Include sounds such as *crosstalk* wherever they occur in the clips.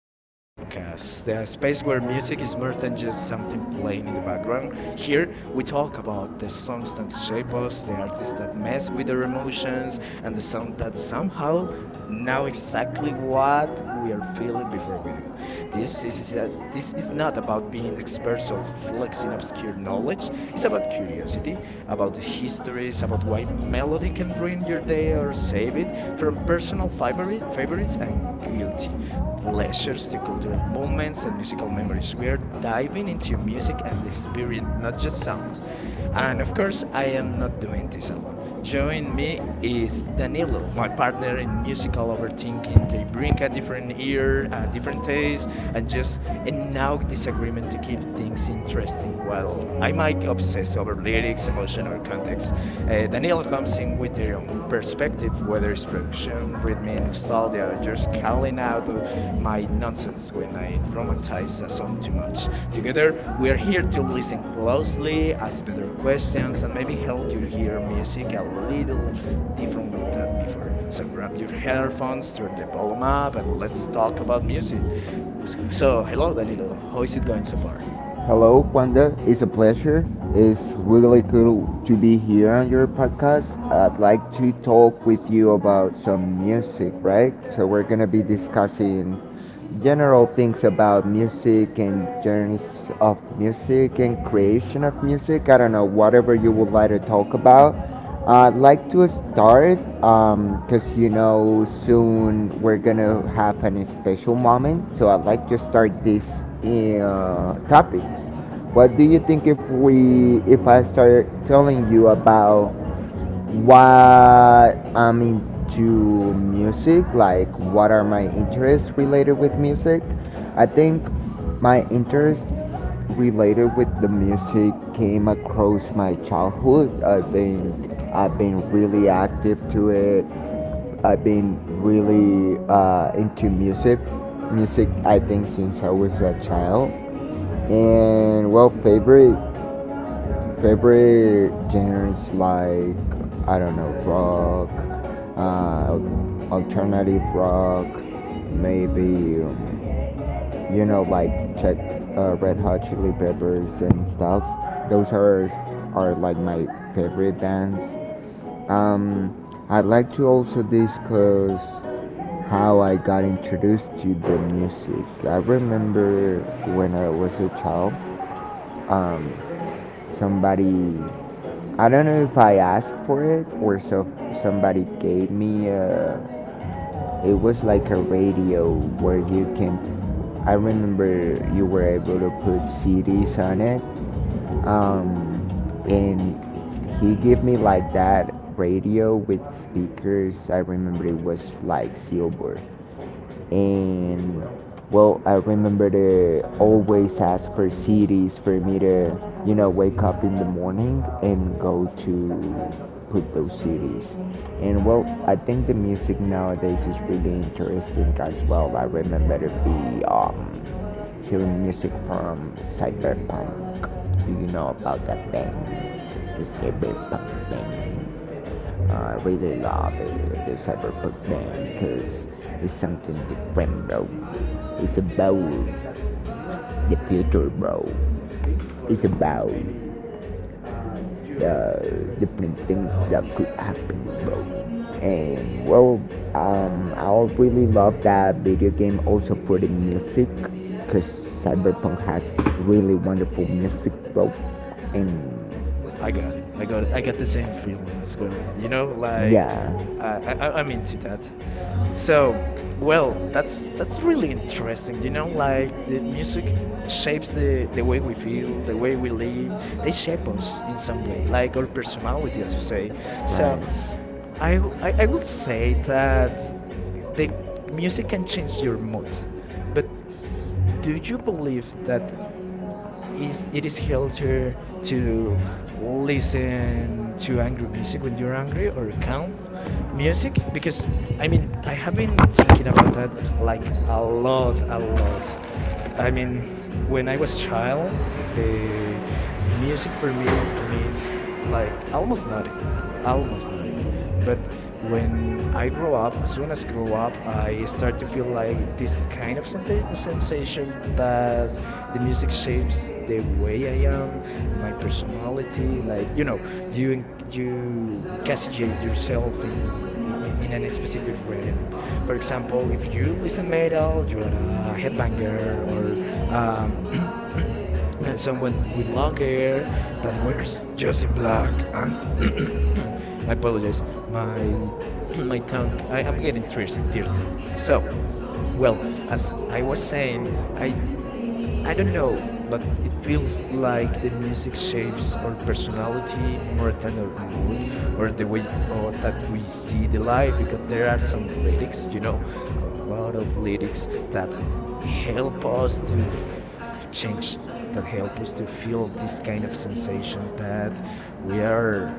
your podcast, the The space space where where music is music is more than just more something playing in the background. than just here. Here, we We talk talk about about the the songs that songs and shape shape us, us, we the artists that talk connect mess with with our their emotions, and the and sound that somehow somehow now know it's like exactly a what we are while. feeling before we do. It's This is not not about about being experts of I flexing obscure knowledge. It's about curiosity, about the histories, about why melody can ruin your day or save it from favorites and guilty pleasures to cultural moments and musical memories. We are diving into music as experience, not just sound. And of course, I I'm am not doing this alone. Join me is Danilo, my partner in musical overthinking. They bring a different ear, a different taste, and just enact disagreement to keep things interesting. While I might obsess over lyrics, emotion, or context, Danilo comes in with their own perspective, whether it's production, rhythm, in nostalgia, just calling out my nonsense when I romanticize a song too much. Together, we are we're here to listen here to closely, ask listen better questions, and maybe help you hear closely. music a little differently than before. So grab your headphones, turn the volume up, and let's talk about music. So, hello, Danilo. How is it going so far? Hello, Wanda. It's a pleasure. It's really cool to be here on your podcast. I'd like to talk with you about some music, right? So, we're going to be discussing general things about music and journeys of music and creation of music. I don't know, whatever you would like to talk about. I'd like to start because you know soon we're gonna have an special moment, so I'd like to start this topic. What do you think if we if I start telling you about what I'm into music, like what are my interests related with music? I think my interest related with the music came across my childhood. I think I've been really active to it. I've been really into music. Music, I think, since I was a child. And well, favorite Favorite genres like I don't know rock, alternative rock, maybe you know like Ch- Red Hot Chili Peppers and stuff. Those are like my favorite bands. Um, I'd like to also discuss how I got introduced to the music. I remember when I was a child, um, somebody. I don't know if I asked for it or so somebody gave me a. It was like a radio where you can. I remember you were able to put CDs on it, um, and he gave me like that radio with speakers. I remember it was like silver, and well, I remember to always ask for cities for me to, you know, wake up in the morning and go to put those cities. And well, I think the music nowadays is really interesting as well. I remember to be, hearing music from cyberpunk. Do you know about that band, the cyberpunk band? I really love it, the cyberpunk thing, because it's something different, bro. It's about the future, bro. It's about the different things that could happen, bro. And well, I really love that video game also for the music, because cyberpunk has really wonderful music, bro. And I got it. I got it. I got the same feeling as well. You know, like yeah, I, I I'm into that. So, well, that's really interesting. You know, like the music shapes the way we feel, the way we live. They shape us in some way, like our personality, as you say. So, right. I will say that the music can change your mood, but do Would you you believe believe that that is it it is is culture healthier to to listen listen to to angry music when music you're angry or around calm now? Music music? Because because I it mean is I have been thinking like our about that like world. I a mean, lot. I mean, when I was child, the music for me means like almost nothing, almost nothing. But when I I grow up, as soon baby. as grow up, I start to feel like this kind of sensation that the music shapes the way I am, my personality. Like you know, you en- you encapsulate yourself in in a specific rhythm. For example, if you listen metal, you're a headbanger Thank or um, you. someone with long hair that wears just in black. And *coughs* I apologize, my *coughs* my tongue. I'm getting thirsty. So, well, as I was saying, Thank you. I I don't know, but it feels like the music shapes our personality more than our mood or the way or that we see the life because there are some lyrics, you know, a lot of lyrics that help us to change, that help us to feel this kind of sensation that we are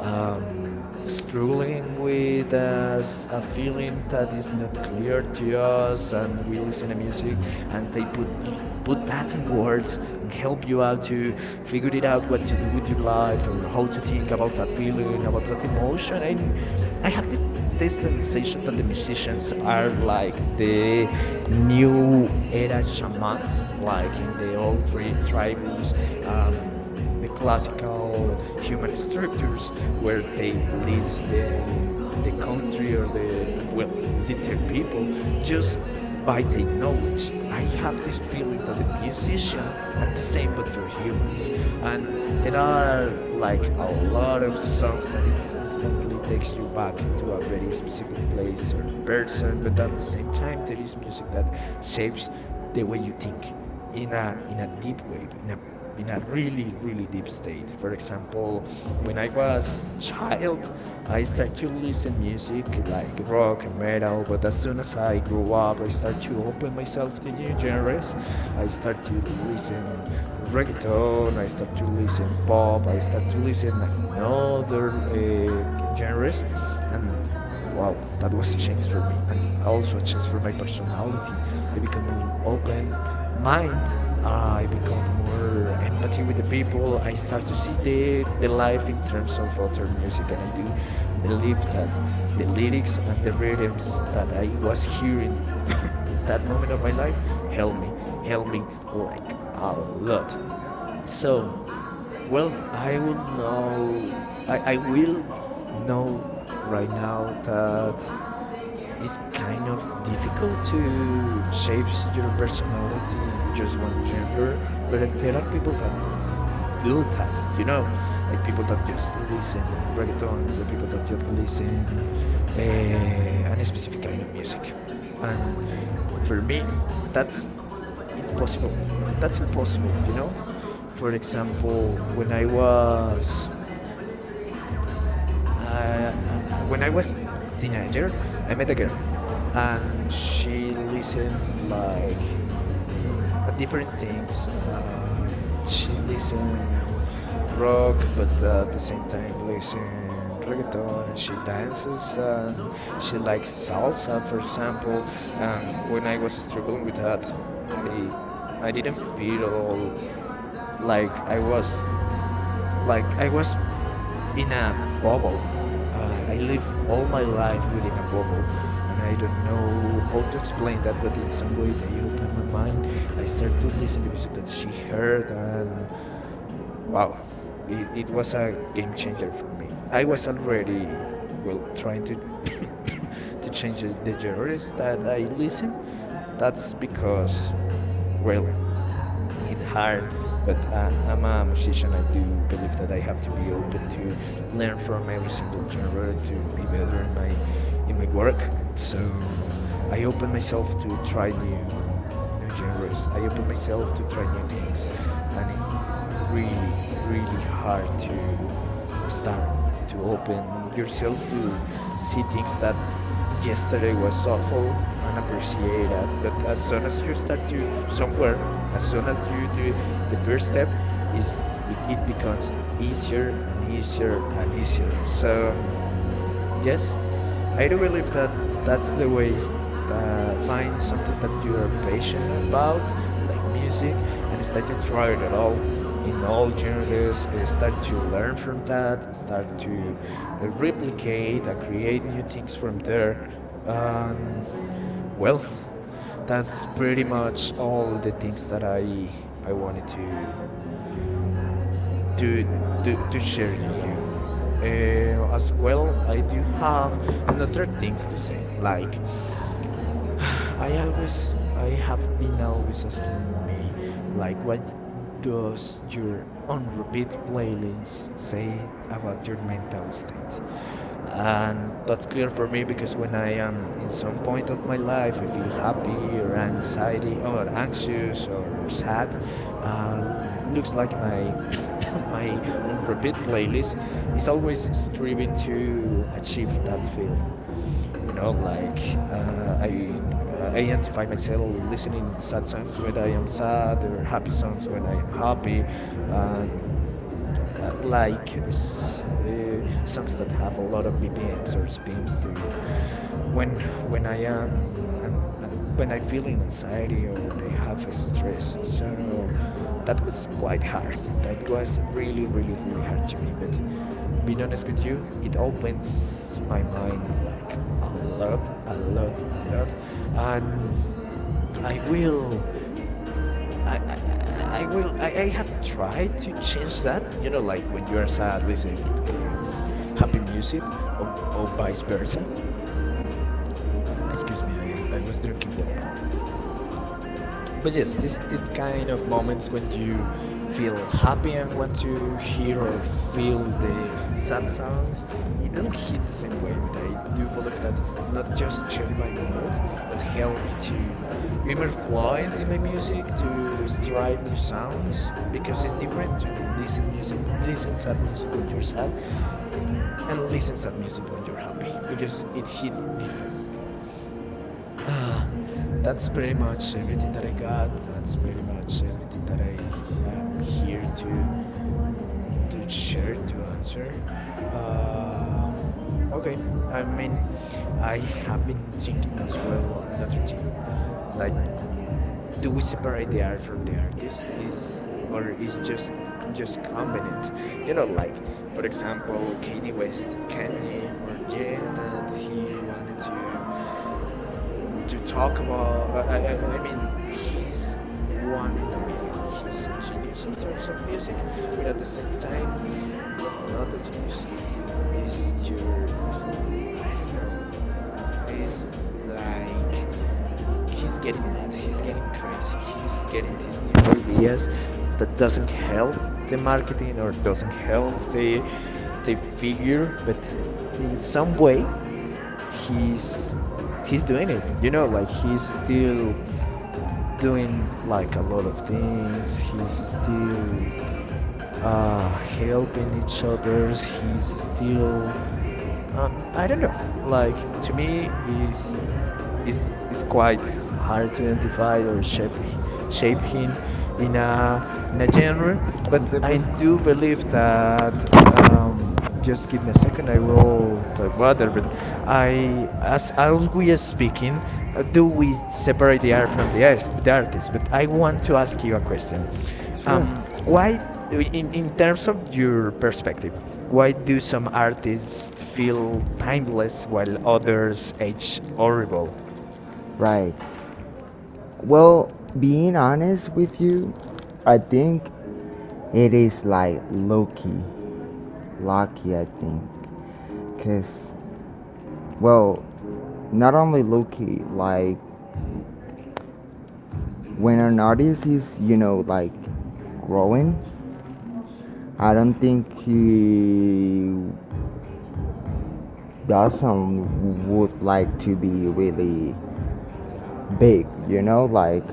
struggling with a feeling that is not clear to us, and we listen to music, and they put that in words and help you out to figure it out what to do with your life or how to think about that feeling, about that emotion. And I have this Thank sensation you. that the musicians are like the new era shamans, Thank like in the old tribus. Um, the classical human structures where they lead the country or the well lead their people just by their knowledge. I have this feeling that the musicians you. are Thank the same but for humans, and there are like a lot of songs that instantly takes you back to a very specific place or person, but at the same time there is music that shapes the way you think in a deep way, in a really really deep state. For example, when I was child, I started to listen music like rock and metal. But as soon as I grew up, I started to open myself to new genres. I started to you. listen reggaeton. I started to listen pop. I started to listen another genres, and wow, that was a change for me, and also a change for my personality. I become more open mind. I become more empathy with the people. I start to see the life in terms of other music, and I do believe that the lyrics and the rhythms that I was hearing in that moment of my life helped me, helped me like Thank a you. lot. So, So, well, I think well, I will I really know. I will don't like uh, know right now that it's kind of difficult to shape your personality in just one gender, but there are people that do that, you know, like people that just listen reggaeton or the people that just listen uh, a specific kind of music. And for me, that's impossible. That's impossible, you know? For for example, I example, love that when I was teenager, I met a girl, and she listened like different things. She listened I rock, but at the same time listen reggaeton, and she dances and she likes salsa, for example. And when I was struggling with that, I get to be I like I didn't feel at was like all hanging like I in. was like I was in a bubble. I live all my life within a bubble, and I don't know how to explain that. But in some way, they open my mind. I start to listen to music that she heard, and wow, Wow. It It was was a a game relationship. changer for me. I I was already well trying to change the genres that I listen. That's because well it's hard but I I'm a was musician. I a do believe that I have to be open to learn from every situation single genre to be I better in my work. So I open myself to try new genres. I open myself to try new things, and it's really really hard to start to open yourself to see things that yesterday was awful and appreciate that. But as soon as you start to somewhere, as soon as you do the first step, it becomes easier and easier and easier. So so yes, I I do believe that think. that's the way. Find something that you are passionate about, like music, and start to try it all in all genres. Start to learn Thank you. from that. Start to replicate and create new things from there. And well, that's pretty much all the things that I wanted to to share with you. As well, I do have another things to say. Like, *sighs* I have been always asking me, like, what does your on repeat playlist say about your mental state? And that's That's clear good for me because when for. I am in some point of my life, I feel happy or anxiety or anxious or sad. Uh, looks like my *laughs* my on repeat playlist is always striving to achieve that feeling. You know, like I identify myself listening sad songs when I am sad or happy songs when I am happy, and songs that have a lot of BPMs or spins to when when I am and when I feel in anxiety or when I have a stress. So that was quite hard. That was really, really, really hard to me. But being honest with you, it opens my mind like a lot, a lot, a lot, and I will, I, I, I will, I have tried to change that. You know, like when you are sad, listen happy music, or or vice versa. Excuse me, I was drinking water. But yes, this these kind of moments when you feel happy and want to hear or feel the sad songs, it don't hit the same way. But I do believe that not just shape my mood, but help me to be more fluent in my music, to strive new sounds, because it's different to listen music, listen sad music when you're sad, and listen sad music when you're happy, because it hit different. Uh, that's pretty much everything that I got. That's pretty much everything that I am here to share to answer. Uh, okay. I mean, I have been thinking as well another thing. Like, do we separate the art from the artist? Is or is just convenient? *laughs* You know, like for example, Kanye West, Kanye or Jay that he wanted to talk about. I mean, he's one in a million. He's a genius in terms of music, but at the same time, he's not a genius. Is your. Is I don't know. He's like he's getting mad. He's getting crazy. He's getting these new ideas that doesn't help the marketing or doesn't help the figure, but in some way he's he's doing it. You know, like he's still doing like a lot of things. He's still helping each others. He's still I don't know. Like to me, is quite hard to identify or shape him in a in a genre. But I do believe that. Just give me a second. I will talk about it. But I, As as we Aaron are is speaking, speaking, do do we we separate the art from the separate artist? the there? But I I want want to ask you a to. question. Sure. Why, in In terms terms of of your your perspective, perspective, why why do do some some artists artists feel feel brainless timeless while when others others age act more? horrible? Right. Well, being honest with you, I think it is like Loki. Loki, I think. Because, well, not only Loki, like when an artist is, you know, like growing, I don't think he doesn't would like to be really big, you know, like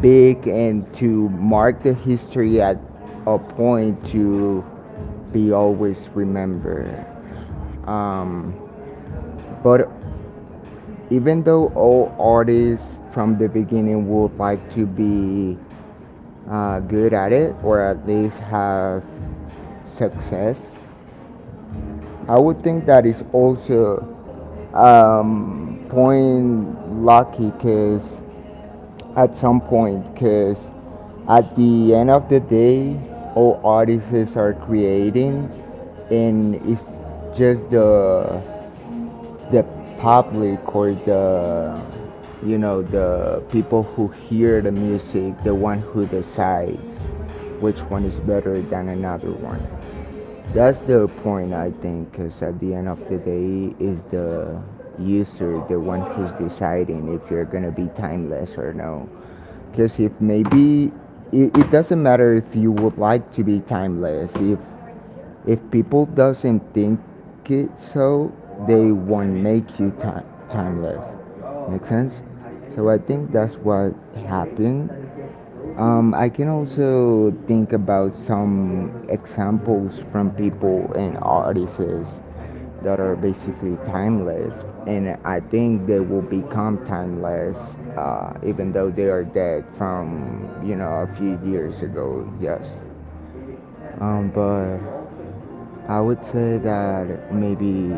big and to mark the history at a point to be always remembered. Um, but even though all artists from the beginning would like to be good at it, or at least have success. I would think that is also point lucky because at some point, because at the end of the day, all artists are creating, and it's just the public, or the, you know, the people who hear the music, the one who decides which one is better than another one. That's the point, I think, because at the end of the day, is the user the one who's deciding if you're gonna be timeless or no. Because if maybe it doesn't matter if you would like to be timeless. If people doesn't think it so, they won't make you timeless. Make sense? So I think that's what happened. I can also think about some examples from people and artists that are basically timeless, and I think they will become timeless even though they are dead from, you know, a few years ago. Yes, but I would say that maybe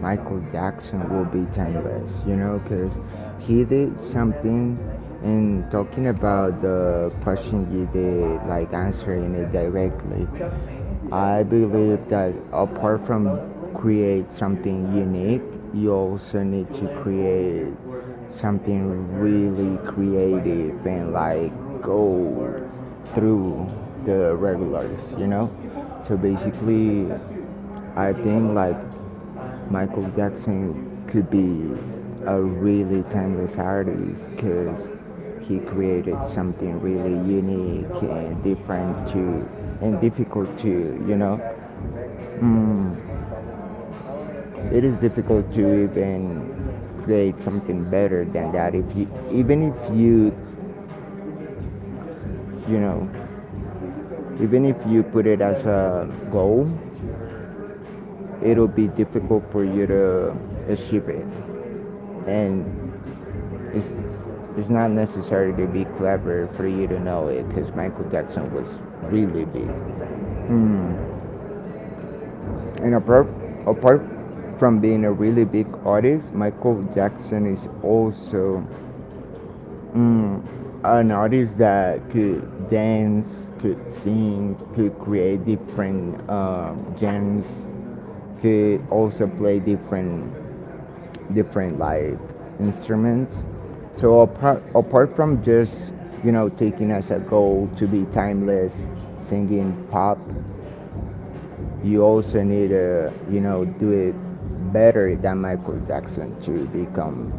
Michael Jackson will be timeless, you know, because he did something. And talking about the question you did, like answering it directly, I believe that apart from create something unique, you also need to create something really creative and like go through the regulars, you know? So basically, I think like Michael Jackson could be a really timeless artist because he created something really unique and different to, and difficult to, you know, mm, it is difficult to even create something better than that if you, even if you, you know, even if you put it as a goal, it'll be difficult for you to achieve it. And It's, it's not necessary to be clever for you to know it, because Michael Jackson was really big. And apart from being a really big artist, Michael Jackson is also, Mm, an artist that could dance, could sing, could create different genres, could also play different different like instruments. So apart from just, you know, taking as a goal to be timeless, singing pop, you also need to, you know, do it better than Michael Jackson to become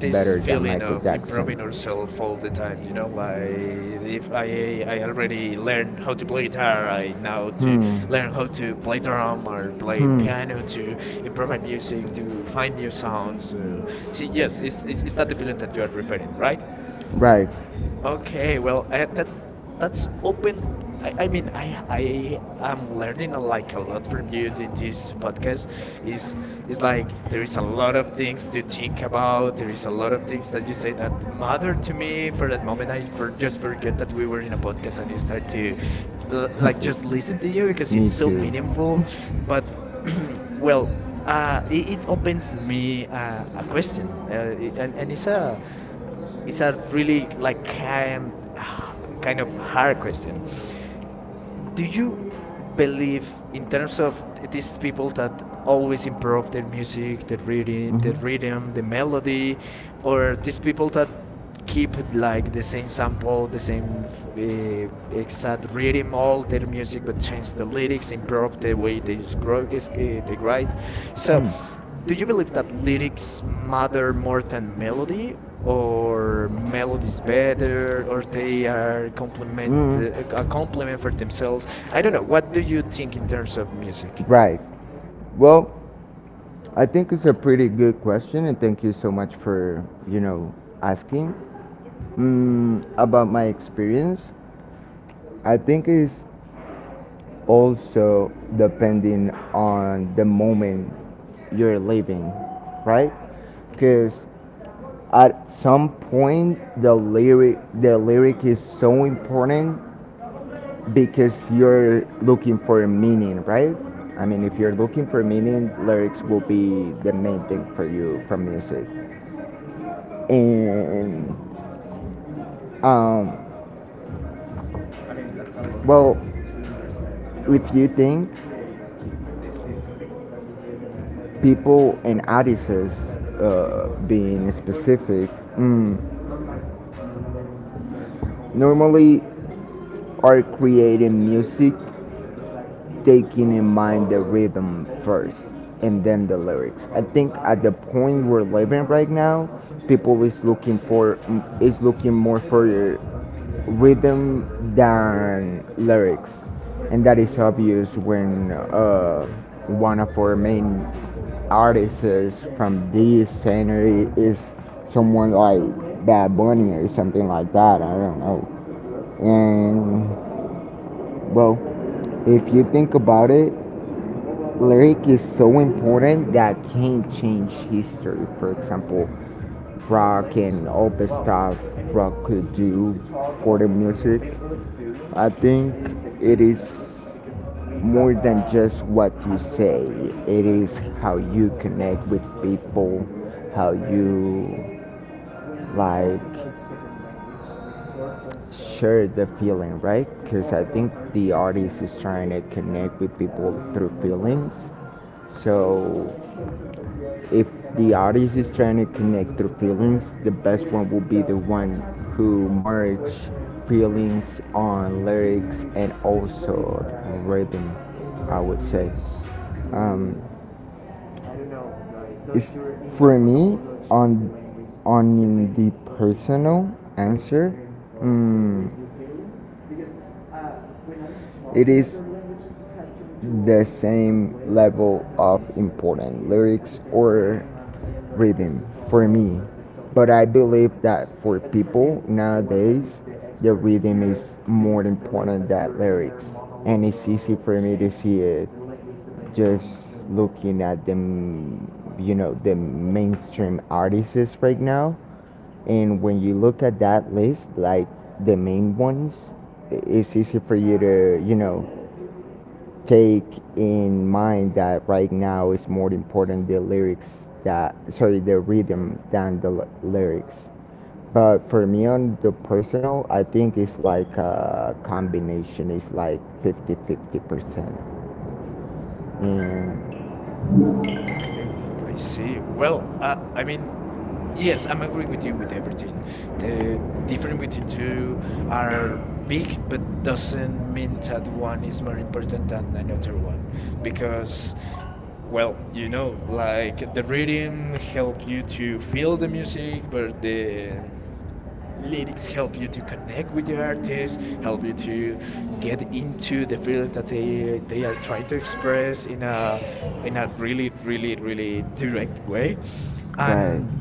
This better than feeling Michael of Jackson. improving ourselves all I the time. You know, like if I already already learned learned how how to to play play guitar. guitar, I I now now to learned learn how how to to play play drums drum or or play play piano piano to to improve improve my music, music, to to find find new new sounds. sounds. So, See, see, yes, yes, is is it's is not that the the feeling feeling that that you you are are perfect, referring, right? right? Right. Okay, Okay, well, well, I have that's that's open. open. I, I I mean, mean, I I I am am learning learning a, a, like like a a lot lot from of you you in in this this podcast. podcast. Is It's is like like there there is is a a lot lot of of things things to to think think about. about. There There is is a a lot lot of of things things that that you you say say that that matter matter to to me. me. For For the that moment, I moment, for I just just forget pretend that that we we were were in in a a podcast podcast and I start *laughs* to and just like, like like just just listen listen to to you you. Because because me it's it's so too. *laughs* so You. meaningful. But But *clears throat* well, well, uh, it it, it opens opens me the uh, a question. question, uh, i- and and It's it's a a really really like like high kind kind kind of of hard question. hierarchy. Do Do you you believe believe in in terms terms of of these these people people that that always always improve improve the their music, music, the their rhythm, reading, mm-hmm. the the Mhm. rhythm, rhythm, the the melody, melody, or or these these people people that that keep keep like like the the same same sample, sample, the the same same uh, exact exact rhythm, rhythm, all all the their music music, that but change change the the lyrics, lyrics, improve improve the the way way they they wrote this they lyric, right? write. So, So, do do you you believe believe that that lyrics lyrics matter matter more more than than melody, melody, or or melody melody is is better, better, or or they they are are complement complementary? A Mm. How complement for so? themselves? I I don't don't know. know. What What do do you you think think in in terms terms of of music? music? Right. Well, I think it's a pretty good question, and thank you so much for, you know, asking about my experience. I think it's also depending on the moment you're living, right? Because at some point the lyric is so important because you're looking for a meaning, right? I mean, if you're looking for meaning, lyrics will be the main thing for you from music. And um, well, if you think people and artists, being specific, mm, normally are creating music taking in mind the rhythm first and then the lyrics. I think at the point we're living right now, people is looking for, is looking more for rhythm than lyrics, and that is obvious when, one of our main artists from this genre is someone like Bad Bunny or something like that. I don't know, and well, if you think about it, lyric is so important that can change history. For example, rock and all the stuff rock could do for the music. I think it is more than just what you say, it is how you connect with people, how you like share the feeling, right? Because I think the artist is trying to connect with people through feelings. So if the artist is trying to connect their feelings, the best one will be the one who merge feelings on lyrics and also on rhythm. I would say. Um, it's, for me, on the personal answer, mm, it is the same level of important lyrics or rhythm for me. But I believe that for people nowadays, the rhythm is more important than lyrics. And it's easy for me to see it just looking at the you know the mainstream artists right now. And when you look at that list, like the main ones, I- it's easy for you to, you know, take in mind that right now is more important the lyrics, that sorry the rhythm than the lyrics. But for me on the personal, I think it's like a combination. It's like 50-50 percent. And Okay, I see. well, Well, I I mean, mean, yes, yes, I'm I'm agree agree with with you with everything. you. Everything. The Different difference between with two you are are big, big, but but doesn't doesn't mean mean that that one one is is more more important important than than another one, the other. Because, because well, well, you know, like like the the rhythm reading help help you you to to feel feel the the music, music, but but the the lyrics lyrics help help you you to to connect connect with with the the artist, artist, help help you you to to get get into into the the feeling feeling that they that they, they they are are trying trying to to express express in a, in in a a really, really, really, really, really really direct direct way. way. Right. And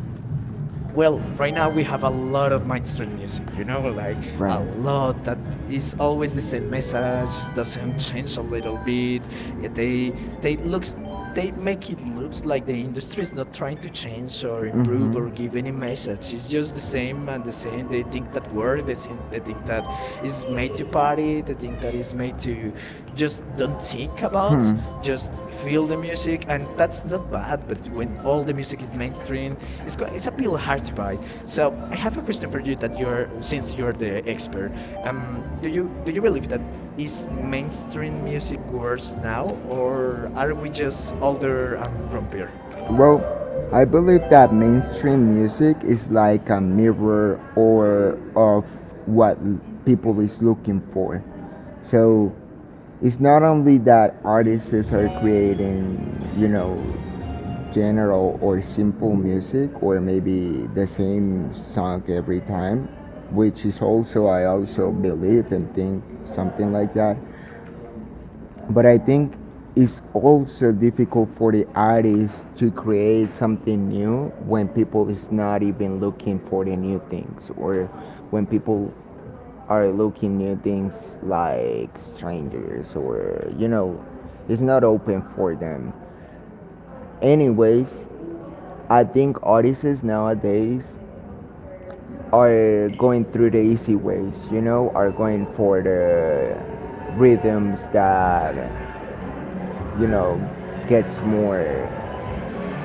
Well, well, right right now now we we have have a a lot lot of of my. mainstream music, We. you know, like Right. a A lot lot of that them. It's is always always the the same same message, message, doesn't doesn't change change a a little little bit. bit. Uh, They They they they looks, looks, they they make make it it looks looks like like the the industry industry is is not not trying trying to to change change or or improve or improve. Mhm. Or give give any any message. message. It's It's just just the the same same and and the the same. same. They They think think that that work, work. they They think think they they think think that that is is made made to to party, party. they They think think that that is it's made made to to just just don't don't think think about. about, Hmm. Just just feel feel the the music, music, and and that's that's not not bad, bad. but But when when all all the the music music is is mainstream, mainstream, it's it's, got- it's it's a a pure pill hack hard to bite. vibe. So So I I have have a a question question for for you you that that you're you're, since since you're you're the the expert. expert. um, Um, do do you you do do you you believe believe that that this is mainstream mainstream music music works worse now, now, or or are are we we just just over? older and grumpier? Well, I believe that mainstream music is like a mirror or of what people is looking for. So it's not only that artists are creating, you know, general or simple music or maybe the same song every time, which is also I also believe and think something like that, but I think it's also difficult for the artist to create something new when people is not even looking for the new things, or when people are looking new things like strangers, or it's not open for them. Anyways, I think artists nowadays are going through the easy ways, are going for the rhythms that, you know, gets more,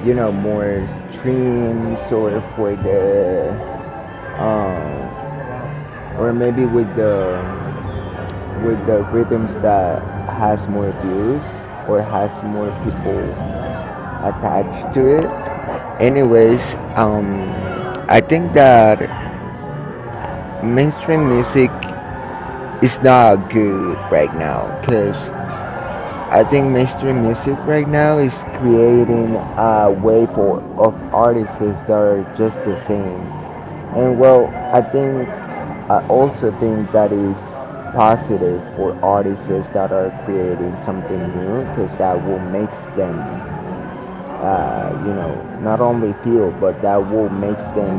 more streams, or for the, um, or maybe with the rhythms that has more views or has more people attached to it. Anyways, um, I think that mainstream music is not good right now, because I think mainstream music right now is creating a wave for, of artists that are just the same. And well, I think I also think that is positive for artists that are creating something new, because that will make them, not only feel, but that will make them,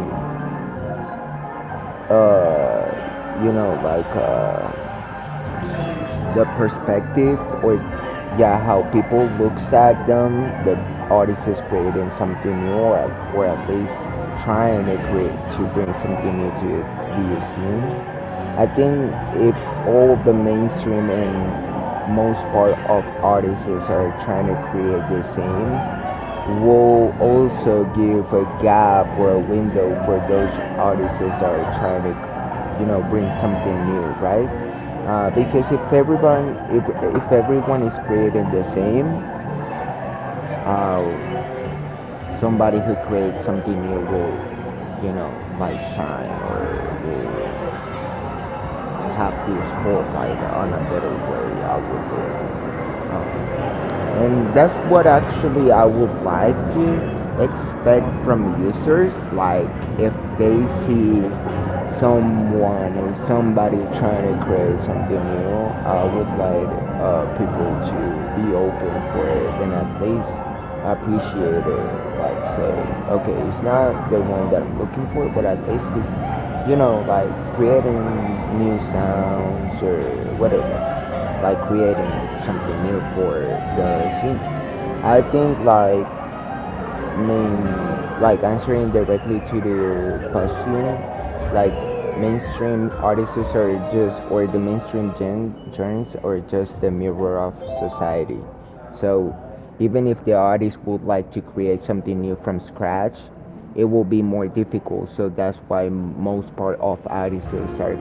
like. The perspective, or yeah, how people looks at them. The artist is creating something new, or or at least trying to create, to bring something new to the scene. I think, if all the mainstream and most part of artists are trying to create the same, will also give a gap or a window for those artists that are trying to, bring something new, right. Because if everyone, if, if everyone is creating the same, uh, somebody who creates something new will, you know might shine, or will have the spotlight on a better way, I would think. And that's what actually I would like to expect from users, like if they see someone or somebody trying to create something new, I would like people to be open for it and at least appreciate it, like say, okay, it's not the one that I'm looking for, but at least it's, like creating new sounds or whatever, like creating something new for the scene. I think, like mean, like answering directly to the consumer, like mainstream artists are just, or the mainstream genres are just the mirror of society. So even if the artist would like to create something new from scratch, it will be more difficult. So that's why most part of artists are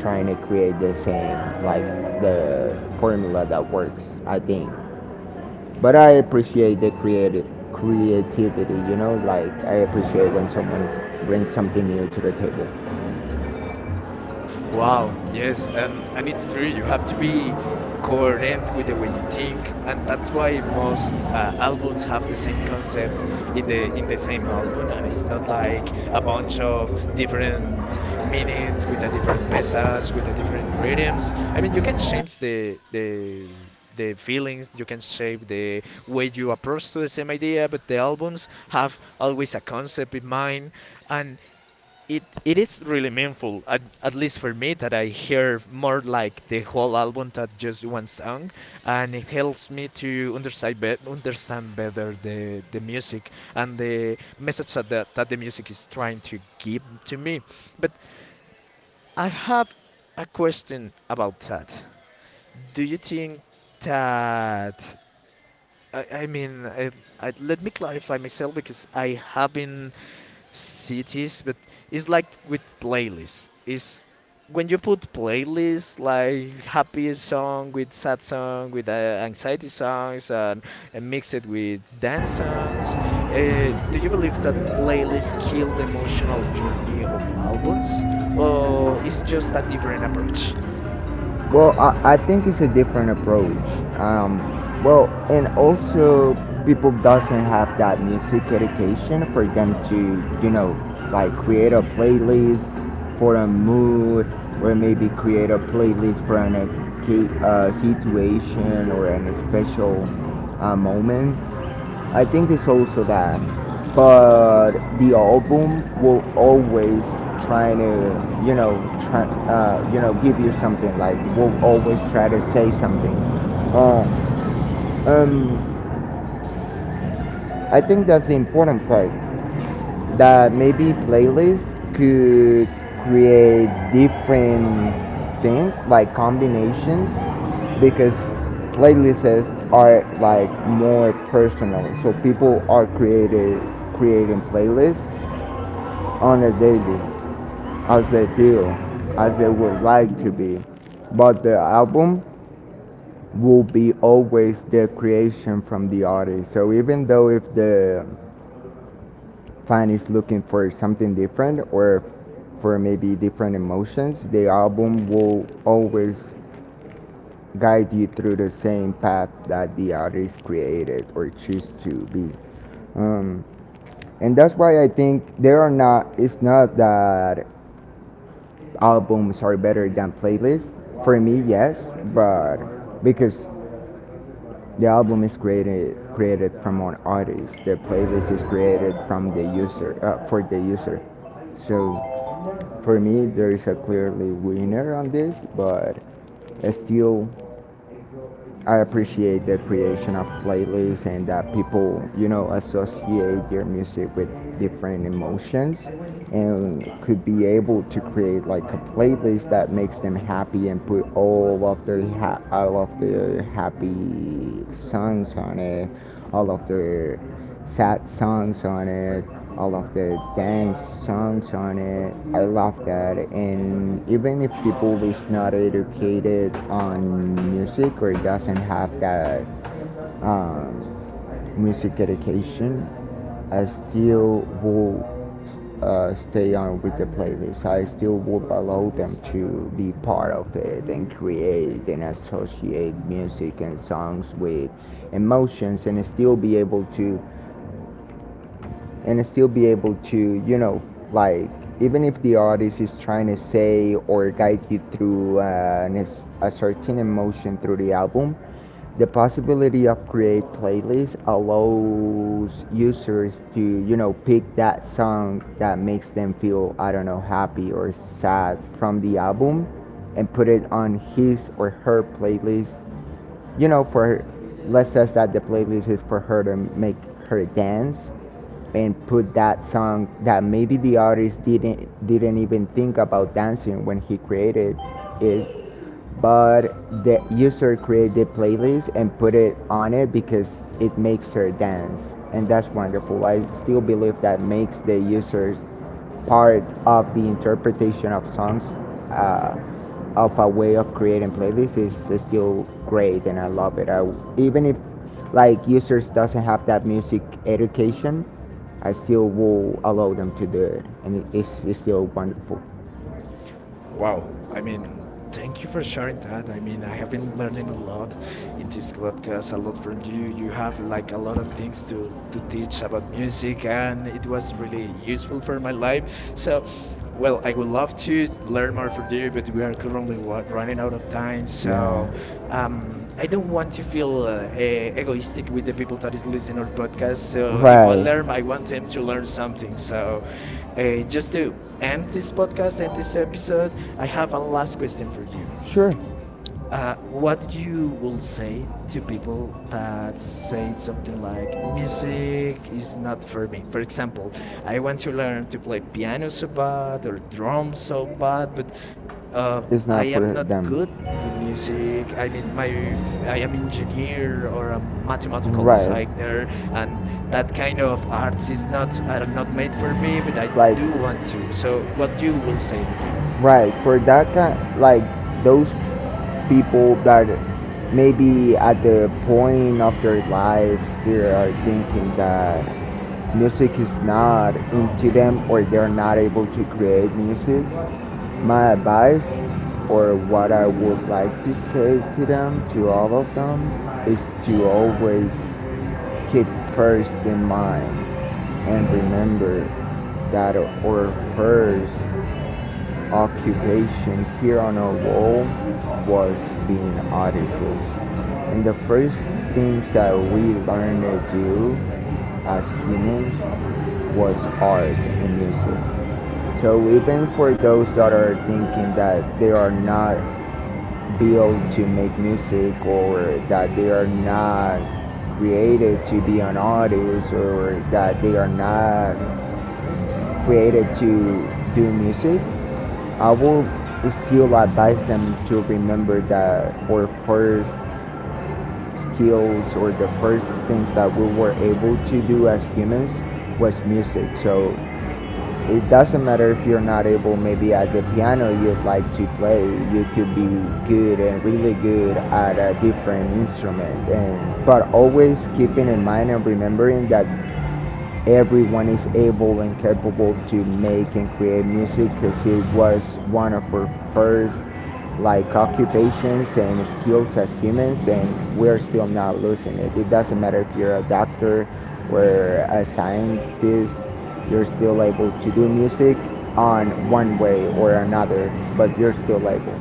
trying to create the same, like the formula that works, I think. But I appreciate the creative creativity. Like, I appreciate when someone brings something new to the table. Wow, Wow. yes, that's Yes, and it's true. You have to that's really be happy for coherent with the way you everyone. think, and And that's that's why why most albums albums have have the this same concept structure with the in the same album, and it's listener not aside like a about bunch of different different meanings with a meanings to different the. message, with a different rhythms. I mean, you can change the feelings. You can shape the way you approach to the same idea, but the albums have always a concept in mind. And it is really meaningful at least for me, that I hear more like the whole album than just one song, and it helps me to understand, understand better the music and the message that the music is trying to give to me. But I have a question about that. Do you think that I, I mean, I, I, let me clarify myself because I haven't cities, but it's like with playlists. It's when you put playlists like happy song with sad song with anxiety songs and mix it with dance songs. Do you believe that playlists kill the emotional journey of albums, or is just a different approach? Well, I think it's a different approach. Um, well, and also people doesn't have that music education for them to, like create a playlist for a mood, or maybe create a playlist for an situation or an special moment. I think it's also that, but the album will always try to, you know, try, give you something. Like, will always try to say something. Uh, um, I think that's the important part, that maybe playlists could create different things like combinations, because playlists are like more personal, so people are created creating playlists on a daily as they feel, as they would like to be, but the album will be always the creation from the artist, so even though if the fan is looking for something different, or for maybe different emotions, the album will always guide you through the same path that the artist created or choose to be. Um, and that's why I think there are not, it's not that albums are better than playlists. For me, yes, but because the album is created from an artist, the playlist is created from the user, for the user. So, for me, there is a clearly winner on this, but still, I appreciate the creation of playlists, and that people, associate their music with different emotions, and could be able to create like a playlist that makes them happy and put all of their all of their happy songs on it, all of their sad songs on it, all of the dance songs on it. I love that. And even if people is not educated on music or doesn't have that um, music education, I still will, stay on with the playlist. I still would allow them to be part of it and create and associate music and songs with emotions, and still be able to, and still be able to, you know, like, even if the artist is trying to say or guide you through an a certain emotion through the album, the possibility of create playlists allows users to, pick that song that makes them feel, I don't know, happy or sad from the album, and put it on his or her playlist, for, let's say that the playlist is for her to make her dance, and put that song that maybe the artist didn't even think about dancing when he created it. But the user created the playlist and put it on it because it makes her dance, and that's wonderful. I still believe that makes the users part of the interpretation of songs, uh, of. A way of creating playlists is still great, and I love it. Even if like users doesn't have that music education, I still will allow them to do it, and it's still wonderful. Wow. Wow. I I mean, mean, thank you for for sure. sharing that. I mean, I I have been appreciate that. learning a lot in This this podcast, podcast, I a love lot from music. you. You You have have like like a a lot lot of of things things to to teach teach about about music, music, and and it what was to really be useful useful for for my my life. life. So, So, well, well, I I would would love love to to learn learn more more from from you, you, but but we we are are currently probably like running running out out of of time. time. So, So, yeah. I I don't don't want want to to feel feel egoistic egoistic with with the the people people that that is is listening listening our to podcast. podcasts. So, So, if I right, learn, I I want want them them to to learn learn something. something. So, So. Uh, just just to to end end this this podcast podcast, and end this this episode, episode, I I have have a a last last question for question. you. Sure. Uh, what What you you will will say say to to people people that that say say something something like like music music is is not not for for me? me? For For example, example, I I want want to to learn learn to to play play piano piano so so bad bad or or drums drums so so bad, bad, but but uh, it's I not, I am am for not not them, good good with in music. I mean, my I I am am an engineer engineer or or a a mathematical, mathematical right, designer, designer, and and that that kind kind of of arts arts is is not, not I are not not made made for for me. me. But I Like- Like, do you, want to. So, So, what what you you will will say to them? say? Right, for that kind, like those people that maybe at the point of their lives they are thinking that music is not into them, or they're not able to create music. My advice, or what I would like to say to them, to all of them, is to always keep first in mind and remember that our first occupation here on our wall was being artists. And the first things that we learned to do as humans was art and music. So even for those that are thinking that they are not built to make music, or that they are not created to be an artist, or that they are not created to do music, I would still advise them to remember that our first skills, or the first things that we were able to do as humans, was music. So it doesn't matter if you're not able, maybe at the piano you'd like to play, you could be good and really good at a different instrument. And but always keeping in mind and remembering that everyone is able and capable to make and create music, because it was one of our first, like, occupations and skills as humans, and we're still not losing it. It doesn't matter if you're a doctor or a scientist, you're still able to do music on one way or another, but you're still able.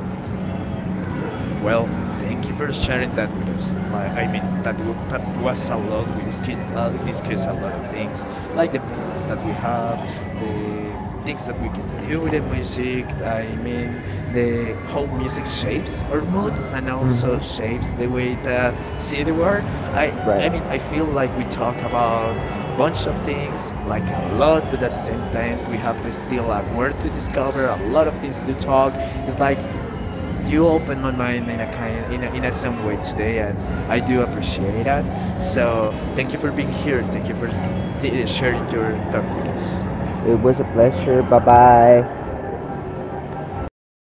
Well, thank Well, you for here's sharing sharing that, that with us. Like, I mean, that that was a lot. We discussed a lot of things, like the moods that we have, the things that we can do with the music. I mean, the how music shapes our mood shapes and also shapes the the way way that that see see the the world. world. I Right, I mean, I I feel feel like like we we talk talk about about a lots bunch of of things, things, like a like a lot lot, of but at the different same things. time, We we have have this still still a a word word to to discover, discover, a a lot lot of of things things to we talk. talk. It's Like like you you opened opened my my mind mind in in a a kind of in a lesson some way today, today, and and I I do do appreciate appreciate that. that. So So thank thank you you for for being being here. here, thank you for Thank you sharing for being. your talk with us. It was a pleasure. Bye bye.